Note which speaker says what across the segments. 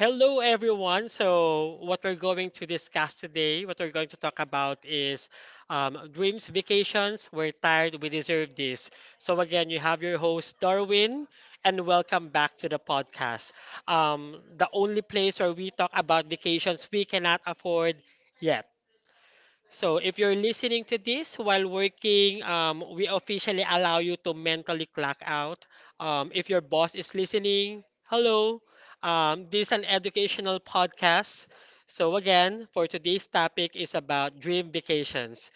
Speaker 1: Hello, everyone. So, what we're going to talk about is dreams, vacations. We're tired, we deserve this. So, again, you have your host, Darwin, and welcome back to the podcast. The only place where we talk about vacations we cannot afford yet. So if you're listening to this while working, we officially allow you to mentally clock out. If your boss is listening, hello. This is an educational podcast. So again, for today's topic is about dream vacations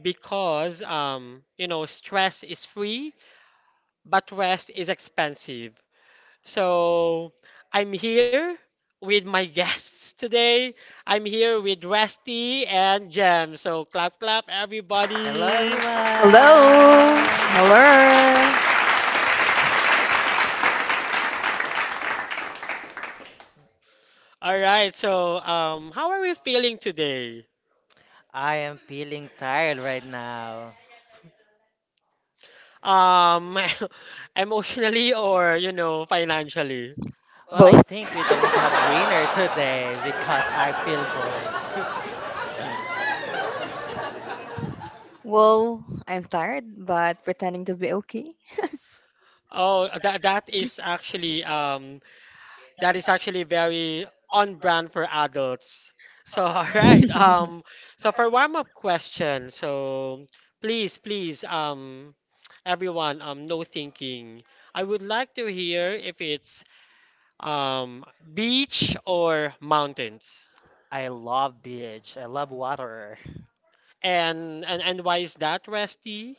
Speaker 1: because you know stress is free, but rest is expensive. So I'm here with my guests today. I'm here with Rusty and Jem. So clap clap
Speaker 2: Hello
Speaker 1: everybody.
Speaker 2: everyone!
Speaker 3: Hello. Hello.
Speaker 1: All right. So how are we feeling today?
Speaker 2: I am feeling tired right now.
Speaker 1: Um emotionally or you know financially?
Speaker 2: Well, I
Speaker 3: Both.
Speaker 2: think we don't have winner today because I feel both.
Speaker 3: Well, I'm tired, but pretending to be okay.
Speaker 1: Oh, that is actually very on brand for adults. So, all right. So for warm-up question, so please, everyone, no thinking. I would like to hear if it's um beach or mountains.
Speaker 2: I love beach, I love water
Speaker 1: And why is that, Rusty?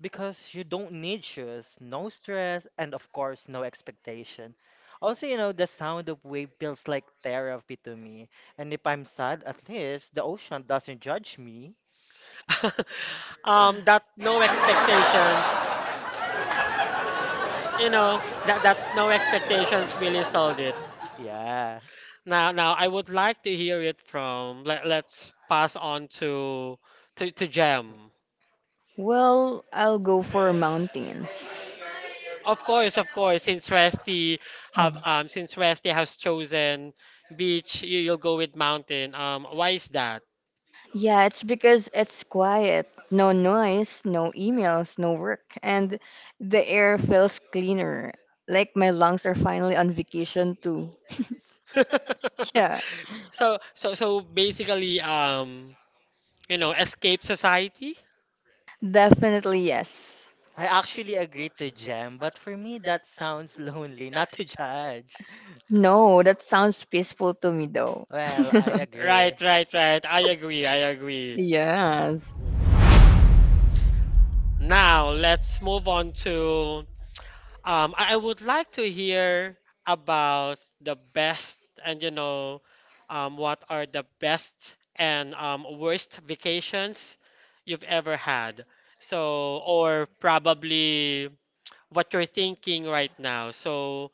Speaker 2: because you don't need shoes, no stress, and of course, no expectation. Also, the sound of wave feels like therapy to me. And if I'm sad, at least the ocean doesn't judge me.
Speaker 1: That no expectations. You know, that no expectations really sold.
Speaker 2: Yeah.
Speaker 1: Now, now I would like to hear it from let's pass on to Jem.
Speaker 3: Well, I'll go for mountains.
Speaker 1: Of course, since Resty have since Resty has chosen beach, you'll go with mountain. Why is that?
Speaker 3: Yeah, it's because it's quiet. No noise, no emails, no work, and the air feels cleaner. Like my lungs are finally on vacation too. Yeah,
Speaker 1: So basically you know escape society?
Speaker 3: definitely yes.
Speaker 2: I actually agree to Jem, but for me that sounds lonely, not to judge.
Speaker 3: No, that sounds peaceful to me though.
Speaker 2: Well, I agree.
Speaker 1: Right, right, right. I agree, I agree.
Speaker 3: yes.
Speaker 1: Now let's move on to. I would like to hear about the best and you know, what are the best and worst vacations you've ever had. So, or probably what you're thinking right now. So,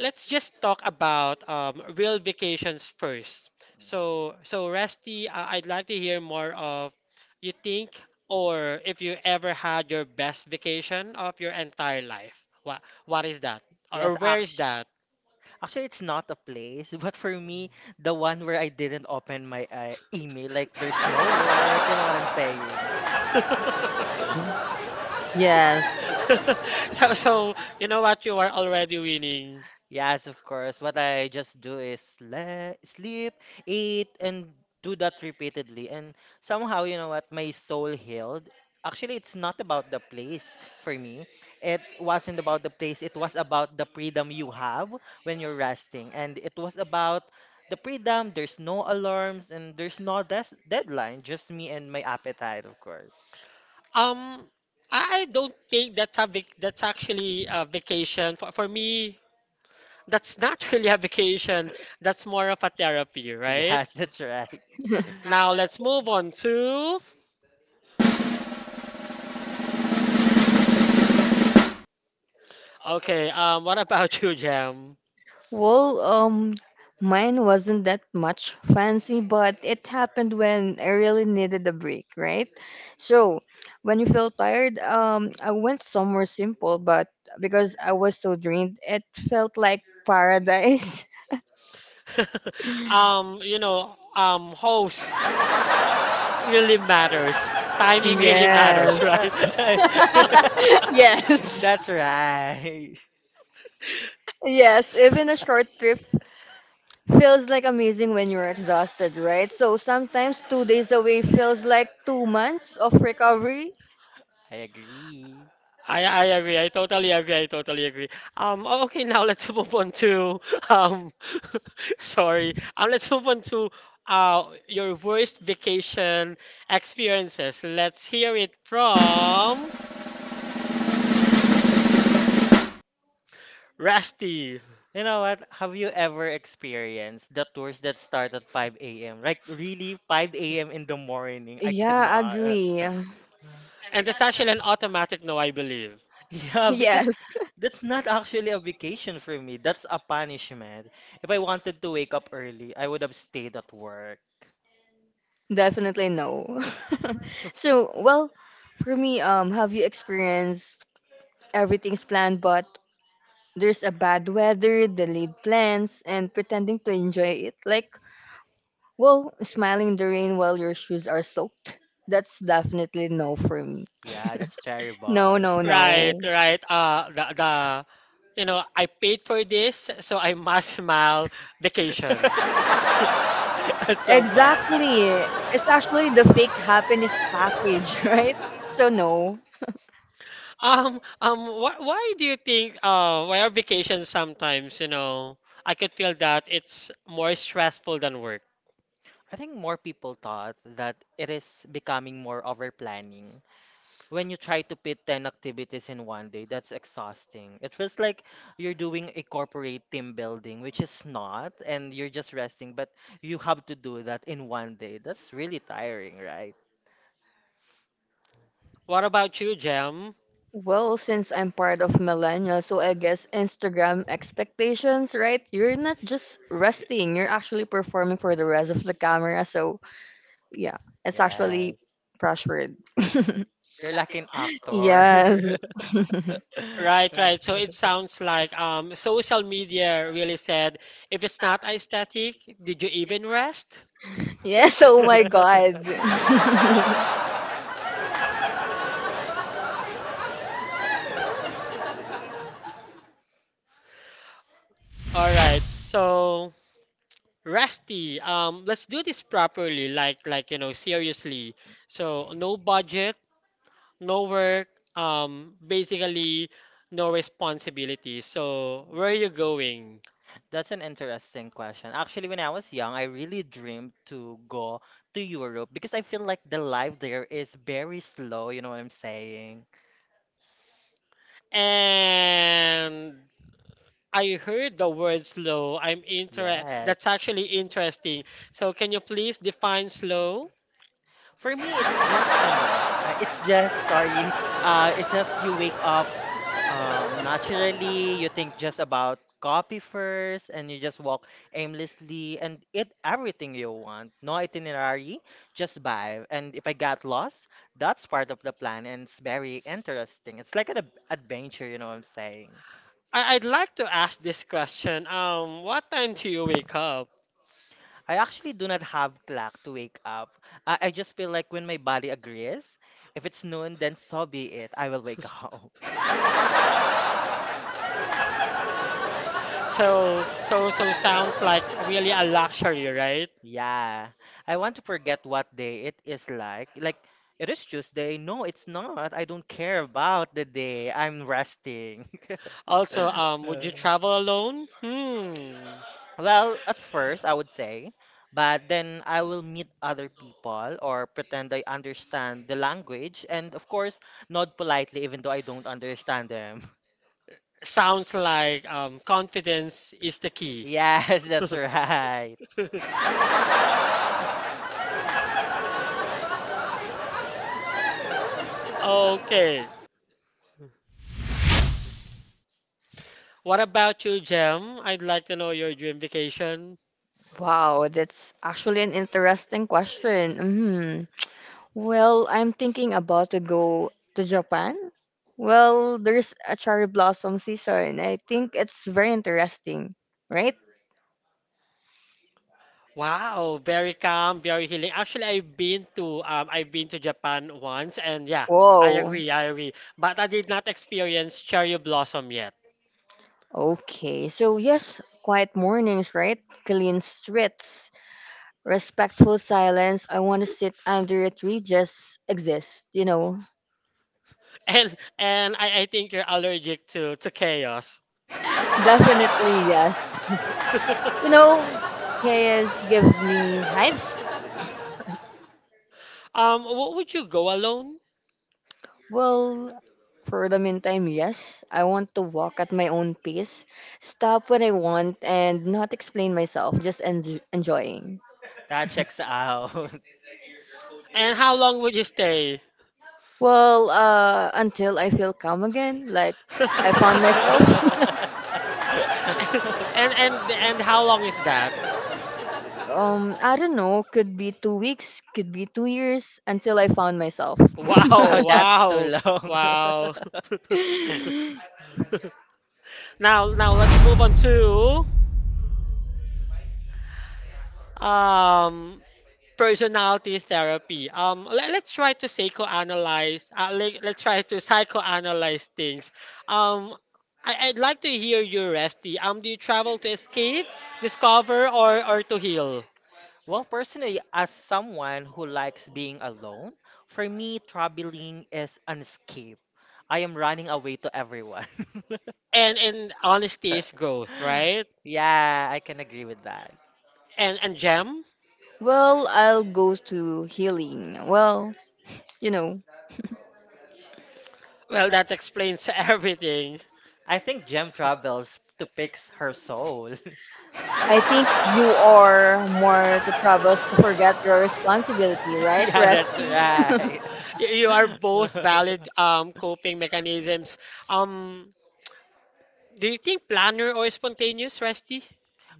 Speaker 1: let's just talk about real vacations first. So, so Rusty, I'd like to hear more of you think or if you ever had your best vacation of your entire life. What is that? Or
Speaker 2: Yes,
Speaker 1: where is
Speaker 2: actually,
Speaker 1: that?
Speaker 2: actually, it's not a place, but for me, the one where I didn't open my email, like there's no work, you know what I'm saying?
Speaker 3: Yes.
Speaker 1: So so you know what you are already winning.
Speaker 2: Yes, of course. What I just do is le sleep, eat, and do that repeatedly. And somehow, you know what, my soul healed. Actually, it's not about the place for me. It wasn't about the place. It was about the freedom you have when you're resting. And it was about the freedom. There's no alarms and there's no des deadline. Just me and my appetite, of course.
Speaker 1: Um, I don't think that's that's actually a vacation for me. That's not really a vacation. That's more of a therapy, right?
Speaker 2: Yes, that's right.
Speaker 1: Now let's move on to. Okay, what about you, Jam?
Speaker 3: Well, mine wasn't that much fancy, but it happened when I really needed a break, right? So, when you feel tired, I went somewhere simple, but because I was so drained, it felt like paradise.
Speaker 1: You know, host really matters. Timing really matters,
Speaker 3: Yes.
Speaker 1: right?
Speaker 3: Yes.
Speaker 2: That's right.
Speaker 3: Yes, even a short trip feels like amazing when you're exhausted, right? So sometimes 2 days away feels like 2 months of recovery.
Speaker 2: I agree.
Speaker 1: I agree. I totally agree. I totally agree. Okay, now let's move on to um sorry. Let's move on to your worst vacation experiences. Let's hear it from Rusty.
Speaker 2: You know what? Have you ever experienced the tours that start at 5 a.m.? Like, really, 5 a.m. in the morning? I
Speaker 3: Yeah,
Speaker 2: cannot.
Speaker 3: agree.
Speaker 1: And that's actually an automatic no, I believe.
Speaker 2: Yeah,
Speaker 3: Yes.
Speaker 2: because that's not actually a vacation for me. That's a punishment. If I wanted to wake up early, I would have stayed at work.
Speaker 3: Definitely no. so, well, for me, have you experienced everything's planned, but there's a bad weather, delayed plans, and pretending to enjoy it? Like, well, smiling in the rain while your shoes are soaked? That's definitely no for me.
Speaker 2: Yeah, that's
Speaker 3: No,
Speaker 2: terrible.
Speaker 3: no,
Speaker 1: Right,
Speaker 3: no.
Speaker 1: right. The you know, I paid for this, so I must smile vacation.
Speaker 2: That's so funny.
Speaker 3: Exactly. It's actually the fake happiness package, right? So, no.
Speaker 1: Wh why do you think why are vacations sometimes, you know, I could feel that it's more stressful than work.
Speaker 2: I think more people thought that it is becoming more over planning. When you try to fit 10 activities in one day, that's exhausting. It feels like you're doing a corporate team building, which is not, and you're just resting, but you have to do that in one day. That's really tiring, right?
Speaker 1: What about you, Jem?
Speaker 3: Well, since I'm part of millennial, so I guess Instagram expectations, right? You're not just resting, you're actually performing for the rest of the camera. So, yeah, it's actually
Speaker 2: Yes.
Speaker 3: pressured.
Speaker 2: You're like an
Speaker 3: yes.
Speaker 2: actor.
Speaker 1: Right, right. So it sounds like social media really said if it's not aesthetic, did you even rest?
Speaker 3: yes, oh my god.
Speaker 1: All right. So Rusty, let's do this properly, like you know, seriously. So no budget, no work, basically no responsibility. So where are you going?
Speaker 2: That's an interesting question. Actually, when I was young, I really dreamed to go to Europe because I feel like the life there is very slow, you know what I'm saying?
Speaker 1: And I heard the word slow. I'm inter
Speaker 2: Yes.
Speaker 1: that's actually interesting. So can you please define slow?
Speaker 2: For me, it's just, sorry, it's just you wake up naturally. You think just about coffee first, and you just walk aimlessly and eat everything you want. No itinerary, just vibe. And if I got lost, that's part of the plan, and it's very interesting. It's like an adventure, you know what I'm saying?
Speaker 1: I I'd like to ask this question. What time do you wake up?
Speaker 2: I actually do not have clock to wake up. I just feel like when my body agrees, if it's noon, then so be it. I will wake up.
Speaker 1: So so so sounds like really a luxury, right?
Speaker 2: Yeah, I want to forget what day it is like. Like, it is Tuesday. No, it's not. I don't care about the day. I'm resting.
Speaker 1: Also, would you
Speaker 2: Uh,
Speaker 1: travel alone? Hmm.
Speaker 2: Well, at first, I would say, but then I will meet other people or pretend I understand the language and, of course, nod politely even though I don't understand them.
Speaker 1: Sounds like confidence is the key.
Speaker 2: Yes, that's right.
Speaker 1: Okay. What about you, Jem? I'd like to know your dream vacation.
Speaker 3: wow, that's actually an interesting question. Mm-hmm. Well, I'm thinking about to go to Japan. Well, there's a cherry blossom season. I think it's very interesting, right?
Speaker 1: Wow, very calm, very healing. Actually, I've been to Japan once, and yeah, I
Speaker 3: Whoa.
Speaker 1: agree, I agree. But I did not experience cherry blossom yet,
Speaker 3: Okay, so yes, quiet mornings, right? Clean streets, respectful silence. I want to sit under a tree, just exist, you know.
Speaker 1: and and I think you're allergic to chaos.
Speaker 3: Definitely, yes. You know, chaos gives me hives.
Speaker 1: Would you go alone?
Speaker 3: Well, for the meantime, yes. I want to walk at my own pace, stop when I want, and not explain myself, just enjoying.
Speaker 2: That checks out.
Speaker 1: And how long would you stay?
Speaker 3: Well, until I feel calm again, like I found myself.
Speaker 1: And how long is that?
Speaker 3: I don't know, could be 2 weeks, could be 2 years, until I found myself.
Speaker 2: Oh,
Speaker 1: Wow,
Speaker 2: that's
Speaker 1: wow,
Speaker 2: too long.
Speaker 1: wow. Now now let's move on to um personality therapy. Let's try to psychoanalyze let's try to psychoanalyze things. Um I, I'd like to hear you, Resty. Do you travel to escape, discover or to heal?
Speaker 2: Well, personally, as someone who likes being alone, for me, traveling is an escape. I am running away to everyone.
Speaker 1: And honesty is growth, right?
Speaker 2: Yeah, I can agree with that.
Speaker 1: And Jem?
Speaker 3: well, I'll go to healing. Well, you know,
Speaker 1: Well, that explains everything.
Speaker 2: I think Jem travels to fix her soul.
Speaker 3: I think you are more to travels to forget your responsibility, right,
Speaker 2: Yeah, that's
Speaker 3: Rusty?
Speaker 2: right.
Speaker 1: You are both valid coping mechanisms. Um, do you think planner or spontaneous, Rusty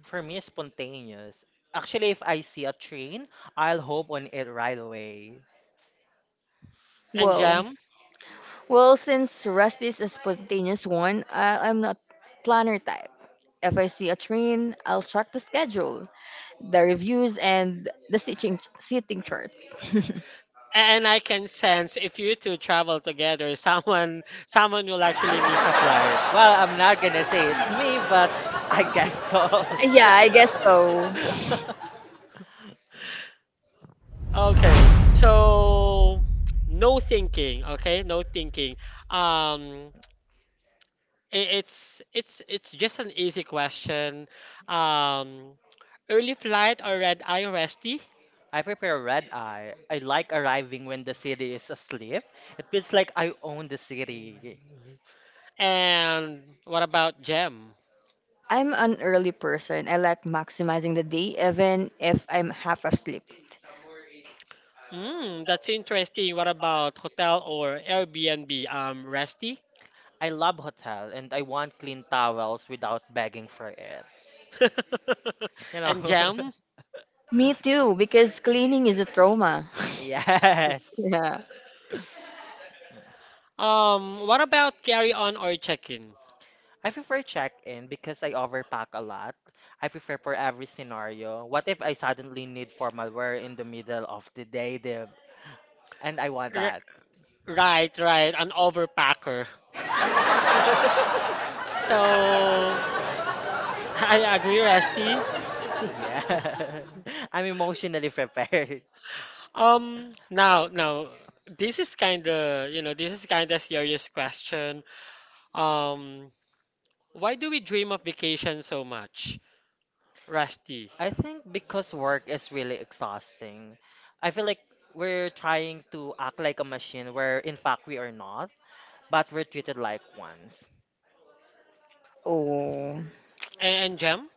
Speaker 2: For me, it's spontaneous. Actually, if I see a train, I'll hope on it right away.
Speaker 1: and
Speaker 3: Whoa.
Speaker 1: Jam?
Speaker 3: Well, since Rusty is a spontaneous one, I'm not planner type. If I see a train, I'll track the schedule, the reviews, and the seating chart.
Speaker 1: And I can sense if you two travel together, someone someone will actually miss a flight.
Speaker 2: Well, I'm not gonna say it's me, but I guess so.
Speaker 3: Yes. Yeah, I guess so.
Speaker 1: Okay, so no thinking, okay? No thinking. Um, it's just an easy question. Um, Early flight or red eye Resty?
Speaker 2: I prepare red eye. I like arriving when the city is asleep. It feels like I own the city.
Speaker 1: And what about Gem?
Speaker 3: I'm an early person. I like maximizing the day, even if I'm half asleep.
Speaker 1: Hmm, that's interesting. What about hotel or Airbnb? Resty?
Speaker 2: I love hotel and I want clean towels without begging for it. You
Speaker 1: And
Speaker 2: know?
Speaker 1: Jam?
Speaker 3: Me too, because cleaning is a trauma.
Speaker 2: Yes.
Speaker 3: yeah.
Speaker 1: What about carry on or check-in?
Speaker 2: I prefer check-in because I overpack a lot. I prefer for every scenario. What if I suddenly need formal wear in the middle of the day, Dev? And I want
Speaker 1: R
Speaker 2: that.
Speaker 1: right, right, an overpacker. So, I agree, Resty.
Speaker 2: Yeah. I'm emotionally prepared.
Speaker 1: Now, now, this is kind of, you know, this is kind of serious question. Um, Why do we dream of vacation so much, Rusty?
Speaker 2: I think because work is really exhausting. I feel like we're trying to act like a machine where in fact we are not, but we're treated like ones.
Speaker 3: Oh.
Speaker 1: And Jem?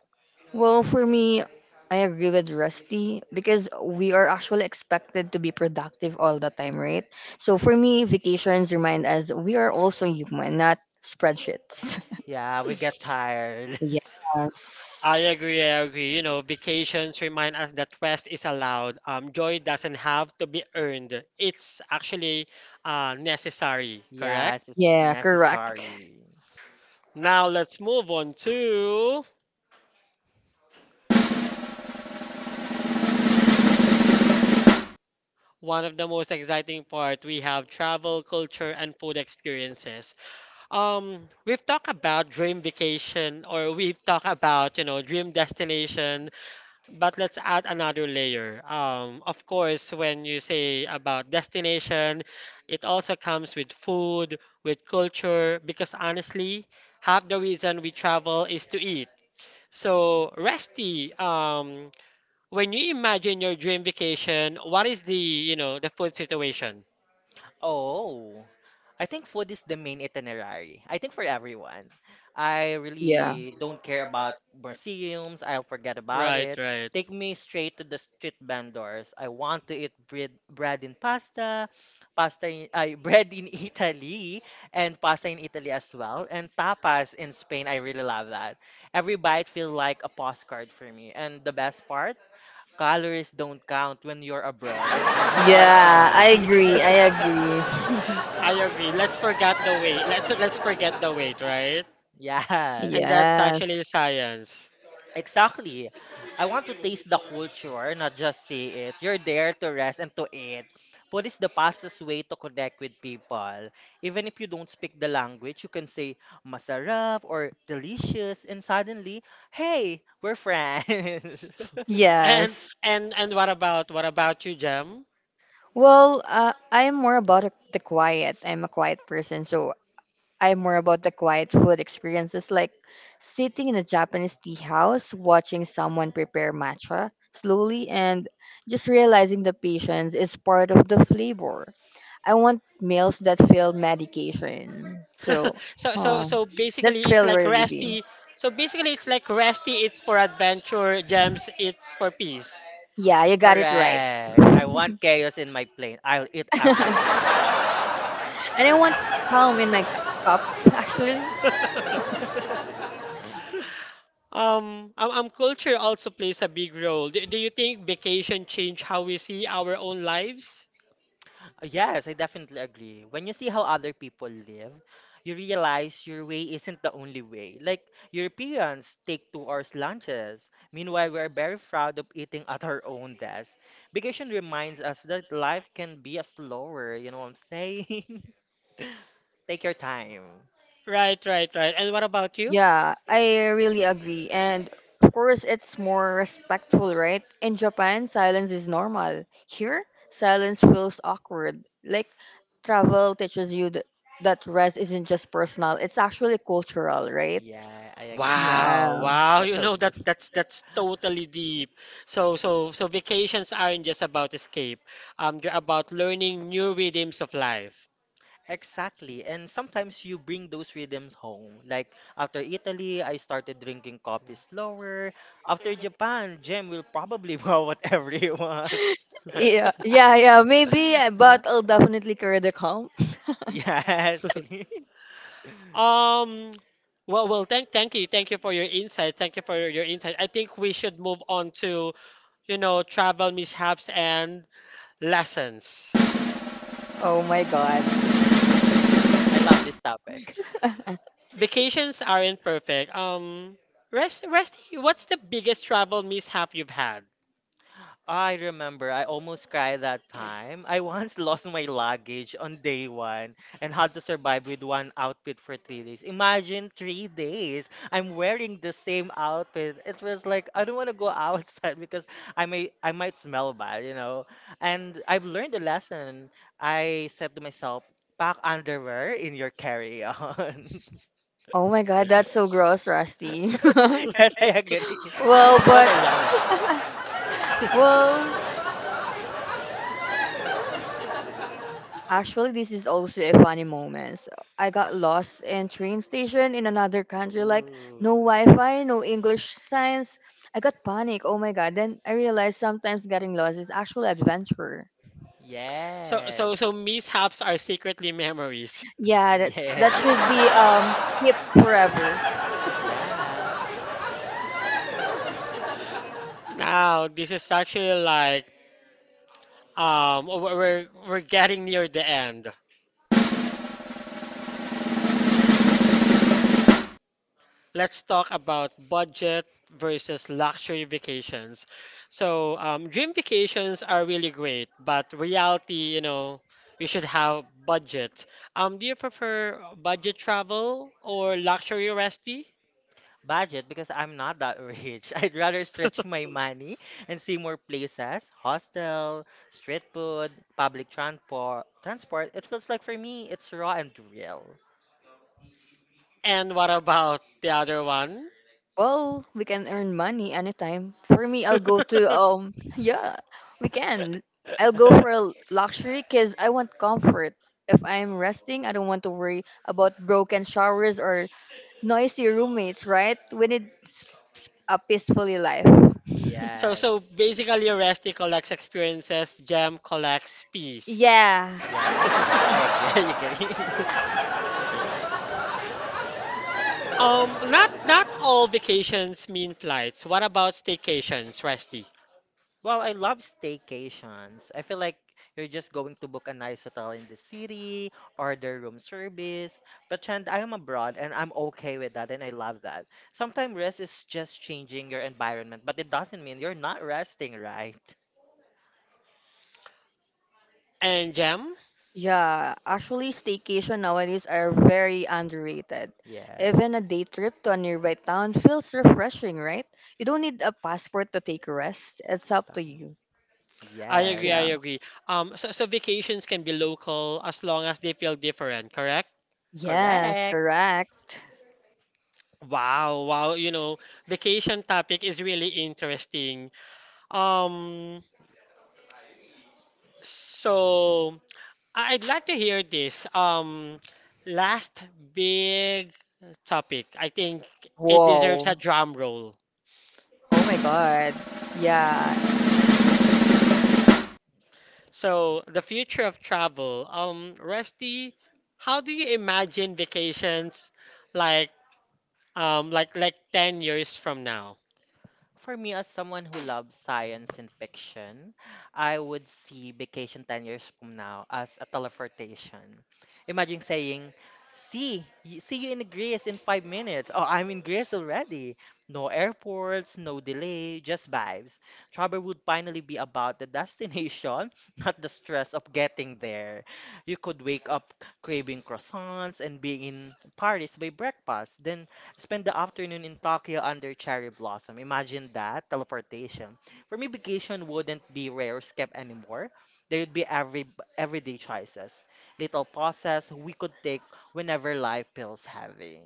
Speaker 3: Well, for me, I agree with Rusty because we are actually expected to be productive all the time, right? So for me, vacations remind us we are also human, not spreadsheets.
Speaker 2: Yeah, we get tired.
Speaker 3: Yes.
Speaker 1: I agree, I agree. You know, vacations remind us that rest is allowed. Joy doesn't have to be earned. It's actually necessary, correct?
Speaker 2: Yes, it's
Speaker 3: Yeah, correct.
Speaker 2: necessary.
Speaker 1: Now let's move on to one of the most exciting part. We have travel, culture, and food experiences. We've talked about, you know, dream destination, but let's add another layer. Of course, when you say about destination, it also comes with food, with culture, because honestly, half the reason we travel is to eat. So, Resty, when you imagine your dream vacation, what is the, you know, the food situation?
Speaker 2: Oh, I think food is the main itinerary. I think for everyone. I
Speaker 3: Yeah.
Speaker 2: really don't care about museums. I'll forget about
Speaker 1: Right,
Speaker 2: it.
Speaker 1: right.
Speaker 2: Take me straight to the street vendors. I want to eat bread and pasta in, ay, bread in Italy, and pasta in Italy as well, and tapas in Spain. I really love that. Every bite feels like a postcard for me. And the best part, calories don't count when you're abroad and you are
Speaker 3: Yeah, I agree. I
Speaker 2: free.
Speaker 3: agree.
Speaker 1: I agree. Let's forget
Speaker 2: Um,
Speaker 1: the weight. Let's forget the weight, right?
Speaker 2: yes,
Speaker 1: And that's
Speaker 3: Yes.
Speaker 1: actually science.
Speaker 2: exactly. I want to taste the culture, not just see it. You're there to rest and to eat. Food is the fastest way to connect with people. Even if you don't speak the language, you can say masarap or delicious, and suddenly, hey, we're friends.
Speaker 1: And
Speaker 3: Yes.
Speaker 1: and what about you, Jem?
Speaker 3: Well, I'm more about the quiet. I'm a quiet person, so I'm more about the quiet food experiences like sitting in a Japanese tea house, watching someone prepare matcha slowly, and just realizing the patience is part of the flavor. I want meals that feel medication. So,
Speaker 1: So so
Speaker 3: huh,
Speaker 1: so
Speaker 3: that's
Speaker 1: basically it's
Speaker 3: feel
Speaker 1: like
Speaker 3: relieving.
Speaker 1: Rusty. So basically it's like Rusty, it's for adventure, Gems, it's for peace.
Speaker 3: Yeah, you got it right.
Speaker 2: Correct. I want chaos in my plane. I'll eat
Speaker 3: And
Speaker 2: everything.
Speaker 3: I want calm in my cup, actually.
Speaker 1: Um, culture also plays a big role. Do you think vacation change how we see our own lives?
Speaker 2: Yes, I definitely agree. When you see how other people live, you realize your way isn't the only way. Like Europeans take 2 hours lunches. Meanwhile, we're very proud of eating at our own desk. Vacation reminds us that life can be a slower, you know what I'm saying? Take your time.
Speaker 1: Right, right, right. And what about you?
Speaker 3: Yeah, I really agree. And of course, it's more respectful, right? In Japan, silence is normal. Here, silence feels awkward. Like, travel teaches you that rest isn't just personal, it's actually cultural, right?
Speaker 2: Yeah, I agree.
Speaker 3: Yeah.
Speaker 1: Wow, wow.
Speaker 2: That's
Speaker 1: You
Speaker 2: so
Speaker 1: know
Speaker 2: deep.
Speaker 1: that's that's totally deep. So so so vacations aren't just about escape. They're about learning new rhythms of life.
Speaker 2: Exactly. And sometimes you bring those rhythms home. Like after Italy, I started drinking coffee slower. After Japan, Jem will probably wow at everyone.
Speaker 3: Yeah, yeah, yeah. Maybe, but I'll definitely carry the calm.
Speaker 2: Yes, Philly.
Speaker 1: Um, well, thank you for your insight. Thank you for your insight. I think we should move on to, you know, travel mishaps and lessons.
Speaker 3: Oh my god.
Speaker 2: I love this topic.
Speaker 1: Vacations aren't perfect. Rest, rest. What's the biggest travel mishap you've had?
Speaker 2: I remember I almost cried that time. I once lost my luggage on day one and had to survive with one outfit for 3 days. Imagine 3 days. I'm wearing the same outfit. It was like I don't want to go outside because I might smell bad. And I've learned a lesson. I said to myself, pack underwear in your carry-on.
Speaker 3: Oh my god, that's so gross, Rusty.
Speaker 2: Yes, I agree. But
Speaker 3: well, but,
Speaker 2: I love it.
Speaker 3: well, Actually, this is also a funny moment. So, I got lost in train station in another country, like
Speaker 2: Ooh.
Speaker 3: no Wi-Fi, no English signs. I got panic. Oh my god! Then I realized sometimes getting lost is actual adventure.
Speaker 1: So,
Speaker 2: Yes.
Speaker 1: so, so mishaps are secretly memories.
Speaker 3: Yeah, that
Speaker 2: Yes.
Speaker 3: that should be kept forever.
Speaker 2: Yes.
Speaker 1: Now, this is actually like we're getting near the end. Let's talk about budget versus luxury vacations. So, dream vacations are really great, but reality, you know, you should have budget. Do you prefer budget travel or luxury resty?
Speaker 2: Budget, because I'm not that rich. I'd rather stretch my money and see more places, hostel, street food, public transport, it feels like for me, it's raw and real.
Speaker 1: And what about the other one?
Speaker 3: Well, we can earn money anytime. For me, I'll go to yeah, we can. I'll go for a luxury because I want comfort. If I'm resting, I don't want to worry about broken showers or noisy roommates, right? When it's a peacefully life.
Speaker 1: So,
Speaker 2: Yes.
Speaker 1: so basically, resty collects experiences, gem collects peace.
Speaker 3: Yeah.
Speaker 2: Yeah, I agree. I agree. I agree.
Speaker 1: Not not all vacations mean flights. What about staycations, Rusty
Speaker 2: Well, I love staycations. I feel like you're just going to book a nice hotel in the city, order room service. But Chand, I am abroad and I'm okay with that and I love that. Sometimes rest is just changing your environment, but it doesn't mean you're not resting, right?
Speaker 1: and Jam?
Speaker 3: Yeah, actually staycation nowadays are very underrated.
Speaker 2: Yes.
Speaker 3: Even a day trip to a nearby town feels refreshing, right? You don't need a passport to take a rest. It's up
Speaker 2: Ta-
Speaker 3: to you.
Speaker 1: I
Speaker 2: Yes.
Speaker 1: agree. I
Speaker 3: Yeah.
Speaker 1: agree. So, so vacations can be local as long as they feel different. Correct?
Speaker 3: Yes,
Speaker 2: Correct.
Speaker 3: correct.
Speaker 1: Wow, wow. You know, vacation topic is really interesting. Um, so I'd like to hear this. Last big topic. I think it deserves a
Speaker 3: Whoa.
Speaker 1: drum roll.
Speaker 3: Oh my god. Yeah.
Speaker 1: So, the future of travel. Rusty, how do you imagine vacations like like 10 years from now?
Speaker 2: For me, as someone who loves science and fiction, I would see Vacation 10 years from now as a teleportation. Imagine saying, See you in Greece in 5 minutes. Oh, I'm in Greece already. No airports, no delay, just vibes. Travel would finally be about the destination, not the stress of getting there. You could wake up craving croissants and being in Paris by breakfast, then spend the afternoon in Tokyo under cherry blossom. Imagine that teleportation. For me, vacation wouldn't be rare escape anymore. There would be everyday choices, little pauses we could take whenever life feels heavy.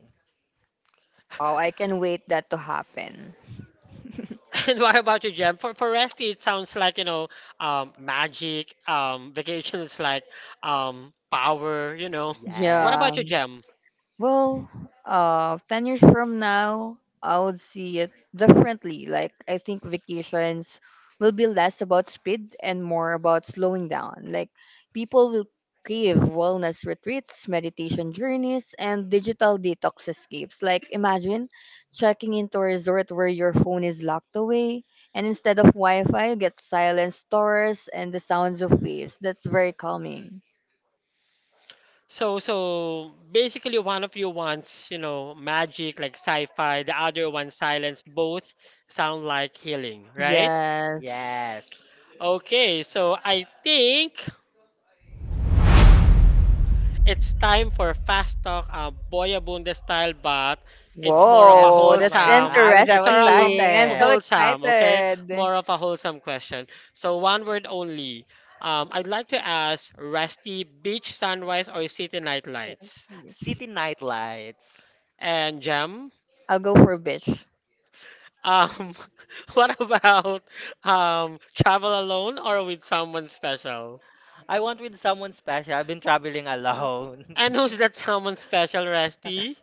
Speaker 3: Oh, I can wait that to happen.
Speaker 1: And what about you, Jem? For Rusty, it sounds like, you know, magic, vacations like power, you know. What
Speaker 2: Yes,
Speaker 1: about
Speaker 3: Yeah.
Speaker 1: you, Jem?
Speaker 3: Well, 10 years from now, I would see it differently. Like, I think vacations will be less about speed and more about slowing down. Like, people will crave wellness retreats, meditation journeys, and digital detox escapes. Like, imagine checking into a resort where your phone is locked away, and instead of Wi Fi, you get silent stores and the sounds of waves. That's very calming.
Speaker 1: So so basically one of you wants, you know, magic like sci-fi, the other one silence. Both sound like healing,
Speaker 3: Right.
Speaker 1: right?
Speaker 3: Yes. Yeah.
Speaker 2: yes.
Speaker 1: Okay, so I think it's time for fast talk, Boya Bundes style, but it's
Speaker 2: Oh,
Speaker 1: more of a
Speaker 2: I'm,
Speaker 3: Whoa,
Speaker 2: oh
Speaker 3: that's
Speaker 2: my God,
Speaker 1: wholesome.
Speaker 2: I'm
Speaker 1: It's
Speaker 2: so
Speaker 1: more of a m-
Speaker 3: interesting. I'm so
Speaker 2: excited.
Speaker 1: wholesome, okay?
Speaker 3: excited.
Speaker 1: More of a wholesome question. So one word only. I'd like to ask Rusty, beach sunrise or city night lights?
Speaker 2: City nightlights.
Speaker 1: And Jem,
Speaker 3: I'll go for beach.
Speaker 1: um, what about travel alone or with someone special?
Speaker 2: I want with someone special. I've been traveling alone.
Speaker 1: And who's that someone special, Rusty?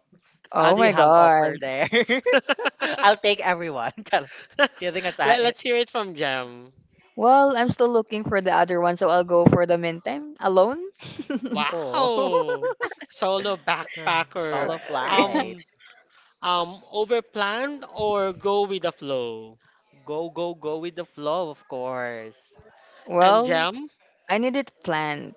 Speaker 2: How
Speaker 3: Oh
Speaker 2: do you
Speaker 3: my
Speaker 2: have
Speaker 3: god.
Speaker 2: offer there?
Speaker 1: Let,
Speaker 2: I'll take everyone. Char- Kidding aside.
Speaker 1: let's hear it from Jem.
Speaker 3: Well, I'm still looking for the other one, so I'll go for the meantime. Alone?
Speaker 2: Oh.
Speaker 1: Wow! Solo backpacker.
Speaker 2: Solo
Speaker 3: Alright.
Speaker 2: flight.
Speaker 1: Um, overplanned or go with the flow?
Speaker 2: Go, go, go with the flow, of course.
Speaker 1: And
Speaker 3: well,
Speaker 1: Jam?
Speaker 3: I need it planned.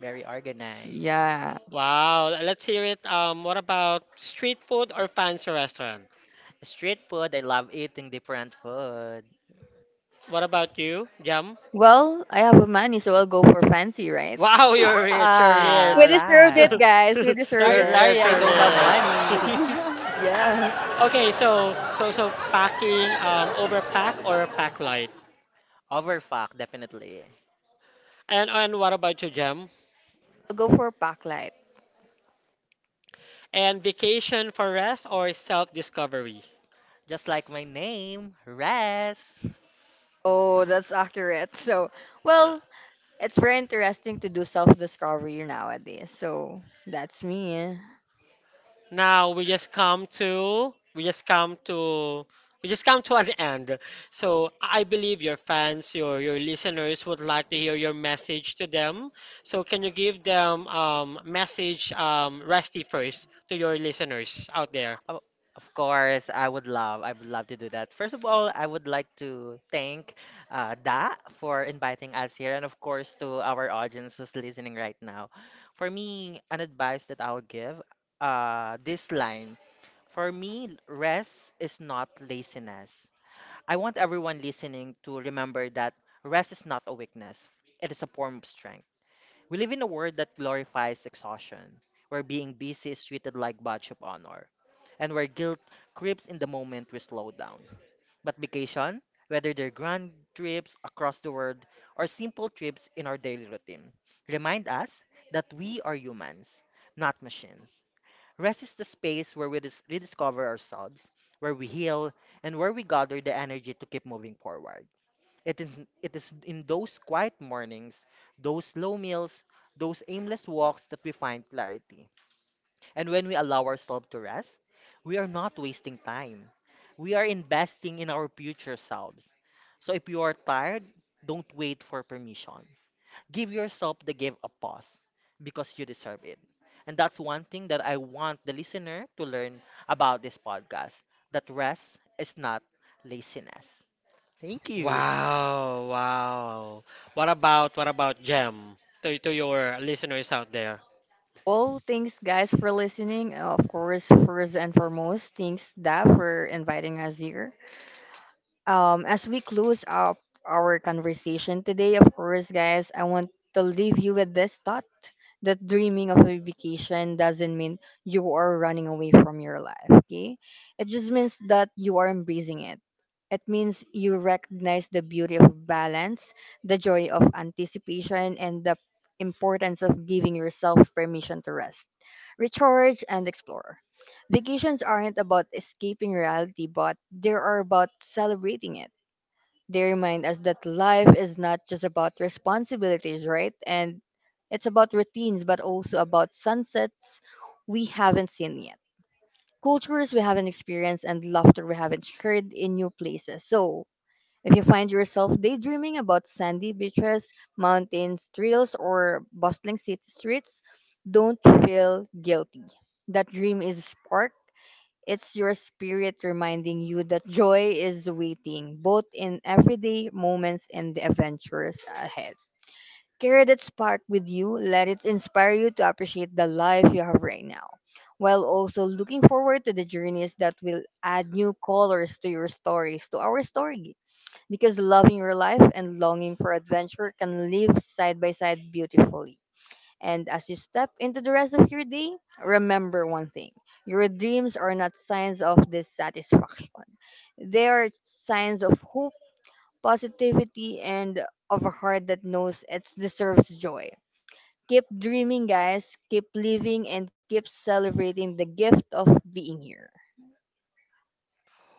Speaker 2: Very organized.
Speaker 3: Yeah.
Speaker 1: Wow, let's hear it. What about street food or fancy restaurant?
Speaker 2: Street food, I love eating different food.
Speaker 1: What about you, Jam?
Speaker 3: Well, I have money, so I'll go for fancy, right?
Speaker 1: Wow, you're rich, you're
Speaker 2: Ah,
Speaker 3: We
Speaker 1: rich.
Speaker 3: deserved it,
Speaker 2: right.
Speaker 3: guys. We deserved
Speaker 2: Sorry,
Speaker 1: You're
Speaker 3: it.
Speaker 2: sorry,
Speaker 1: rich,
Speaker 2: I
Speaker 1: you're
Speaker 2: don't have
Speaker 1: rich.
Speaker 2: money.
Speaker 3: yes.
Speaker 1: Okay, so
Speaker 2: Uh,
Speaker 1: so so packing overpack or pack light.
Speaker 2: Overfuck, definitely.
Speaker 1: And what about you, Jam?
Speaker 3: I'll go for packlight.
Speaker 1: And vacation for rest or self-discovery?
Speaker 2: Just like my name, Res.
Speaker 3: Oh, that's accurate. So, well, it's very interesting to do self discovery nowadays. So, that's me.
Speaker 1: Now we just come to we just come to we just come to an end. So I believe your fans, your listeners would like to hear your message to them. So can you give them message Rusty first to your listeners out there?
Speaker 2: Oh, of course, I would love to do that. First of all, I would like to thank Da for inviting us here, and of course to our audience who's listening right now. For me, an advice that I'll give, this line. For me, rest is not laziness. I want everyone listening to remember that rest is not a weakness. It is a form of strength. We live in a world that glorifies exhaustion, where being busy is treated like badge of honor, and where guilt creeps in the moment we slow down. But vacation, whether they're grand trips across the world or simple trips in our daily routine, remind us that we are humans, not machines. Rest is the space where we rediscover ourselves, where we heal, and where we gather the energy to keep moving forward. It is in those quiet mornings, those slow meals, those aimless walks that we find clarity. And when we allow ourselves to rest, we are not wasting time. We are investing in our future selves. So if you are tired, don't wait for permission. Give yourself the gift of pause because you deserve it. And that's one thing that I want the listener to learn about this podcast that rest is not laziness. Thank you.
Speaker 1: Wow, wow. What about Gem to your listeners out there?
Speaker 3: Well, thanks, guys, for listening. Of course, first and foremost, thanks, Da, for inviting us here. As we close up our conversation today, of course, guys, I want to leave you with this thought that dreaming of a vacation doesn't mean you are running away from your life, okay? It just means that you are embracing it. It means you recognize the beauty of balance, the joy of anticipation, and the importance of giving yourself permission to rest, recharge, and explore. Vacations aren't about escaping reality, but they are about celebrating it. They remind us that life is not just about responsibilities, right? And it's about routines, but also about sunsets we haven't seen yet, cultures we haven't experienced, and laughter we haven't shared in new places. So, if you find yourself daydreaming about sandy beaches, mountains, trails, or bustling city streets, don't feel guilty. That dream is spark it's your spirit reminding you that joy is waiting, both in everyday moments and the adventures ahead. Carry that spark with you. Let it inspire you to appreciate the life you have right now, while also looking forward to the journeys that will add new colors to your stories, to our story. Because loving your life and longing for adventure can live side by side beautifully. And as you step into the rest of your day, remember one thing your dreams are not signs of dissatisfaction, they are signs of hope, positivity, and of a heart that knows it deserves joy. Keep dreaming, guys. Keep living and keep celebrating the gift of being here.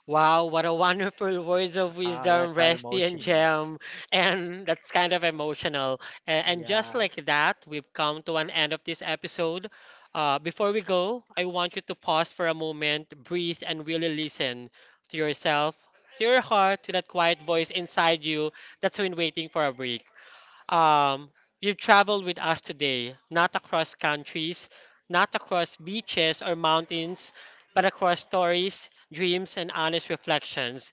Speaker 1: Wow, what a wonderful words of
Speaker 2: Ah, that's
Speaker 1: wisdom,
Speaker 2: how
Speaker 1: Resty and
Speaker 2: emotional.
Speaker 1: Gem. And that's kind of emotional. And just
Speaker 2: Yeah.
Speaker 1: like that, we've come to an end of this episode. Before we go, I want you to pause for a moment, breathe, and really listen to yourself, to your heart, to that quiet voice inside you that's been waiting for a break. Um, you've traveled with us today, not across countries, not across beaches or mountains, but across stories, dreams, and honest reflections.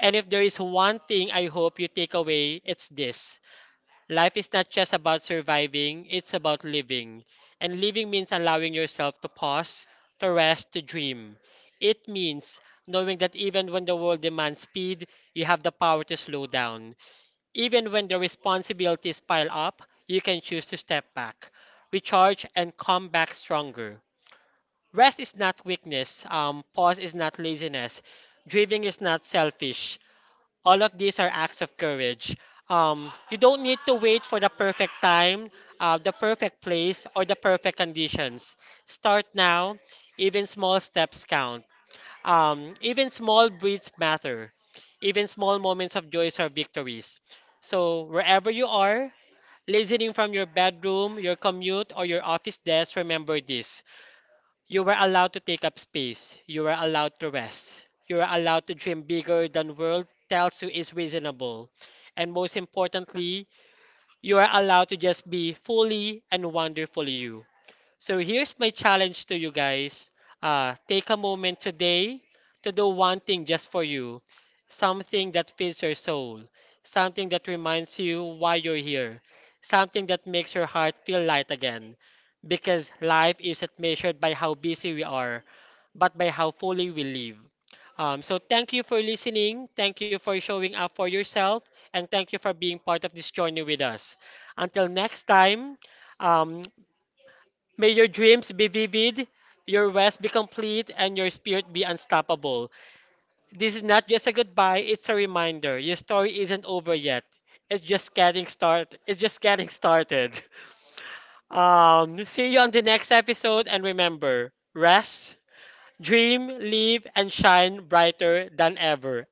Speaker 1: And if there is one thing I hope you take away, it's this. Life is not just about surviving, it's about living. And living means allowing yourself to pause, to rest, to dream. It means knowing that even when the world demands speed, you have the power to slow down. Even when the responsibilities pile up, you can choose to step back, recharge, and come back stronger. Rest is not weakness, pause is not laziness, grieving is not selfish. All of these are acts of courage. You don't need to wait for the perfect time, the perfect place, or the perfect conditions. Start now, even small steps count. Even small breeds matter. Even small moments of joys are victories. So, wherever you are, listening from your bedroom, your commute, or your office desk, remember this. You were allowed to take up space. You were allowed to rest. You were allowed to dream bigger than world tells you is reasonable. And most importantly, you are allowed to just be fully and wonderfully you. So here's my challenge to you guys. Take a moment today to do one thing just for you, something that feeds your soul, something that reminds you why you're here, something that makes your heart feel light again. Because life isn't measured by how busy we are, but by how fully we live. So thank you for listening. Thank you for showing up for yourself, and thank you for being part of this journey with us. Until next time, um, may your dreams be vivid, your rest be complete, and your spirit be unstoppable. This is not just a goodbye, it's a reminder. Your story isn't over yet. It's just getting started. See you on the next episode and remember, rest, dream, live, and shine brighter than ever.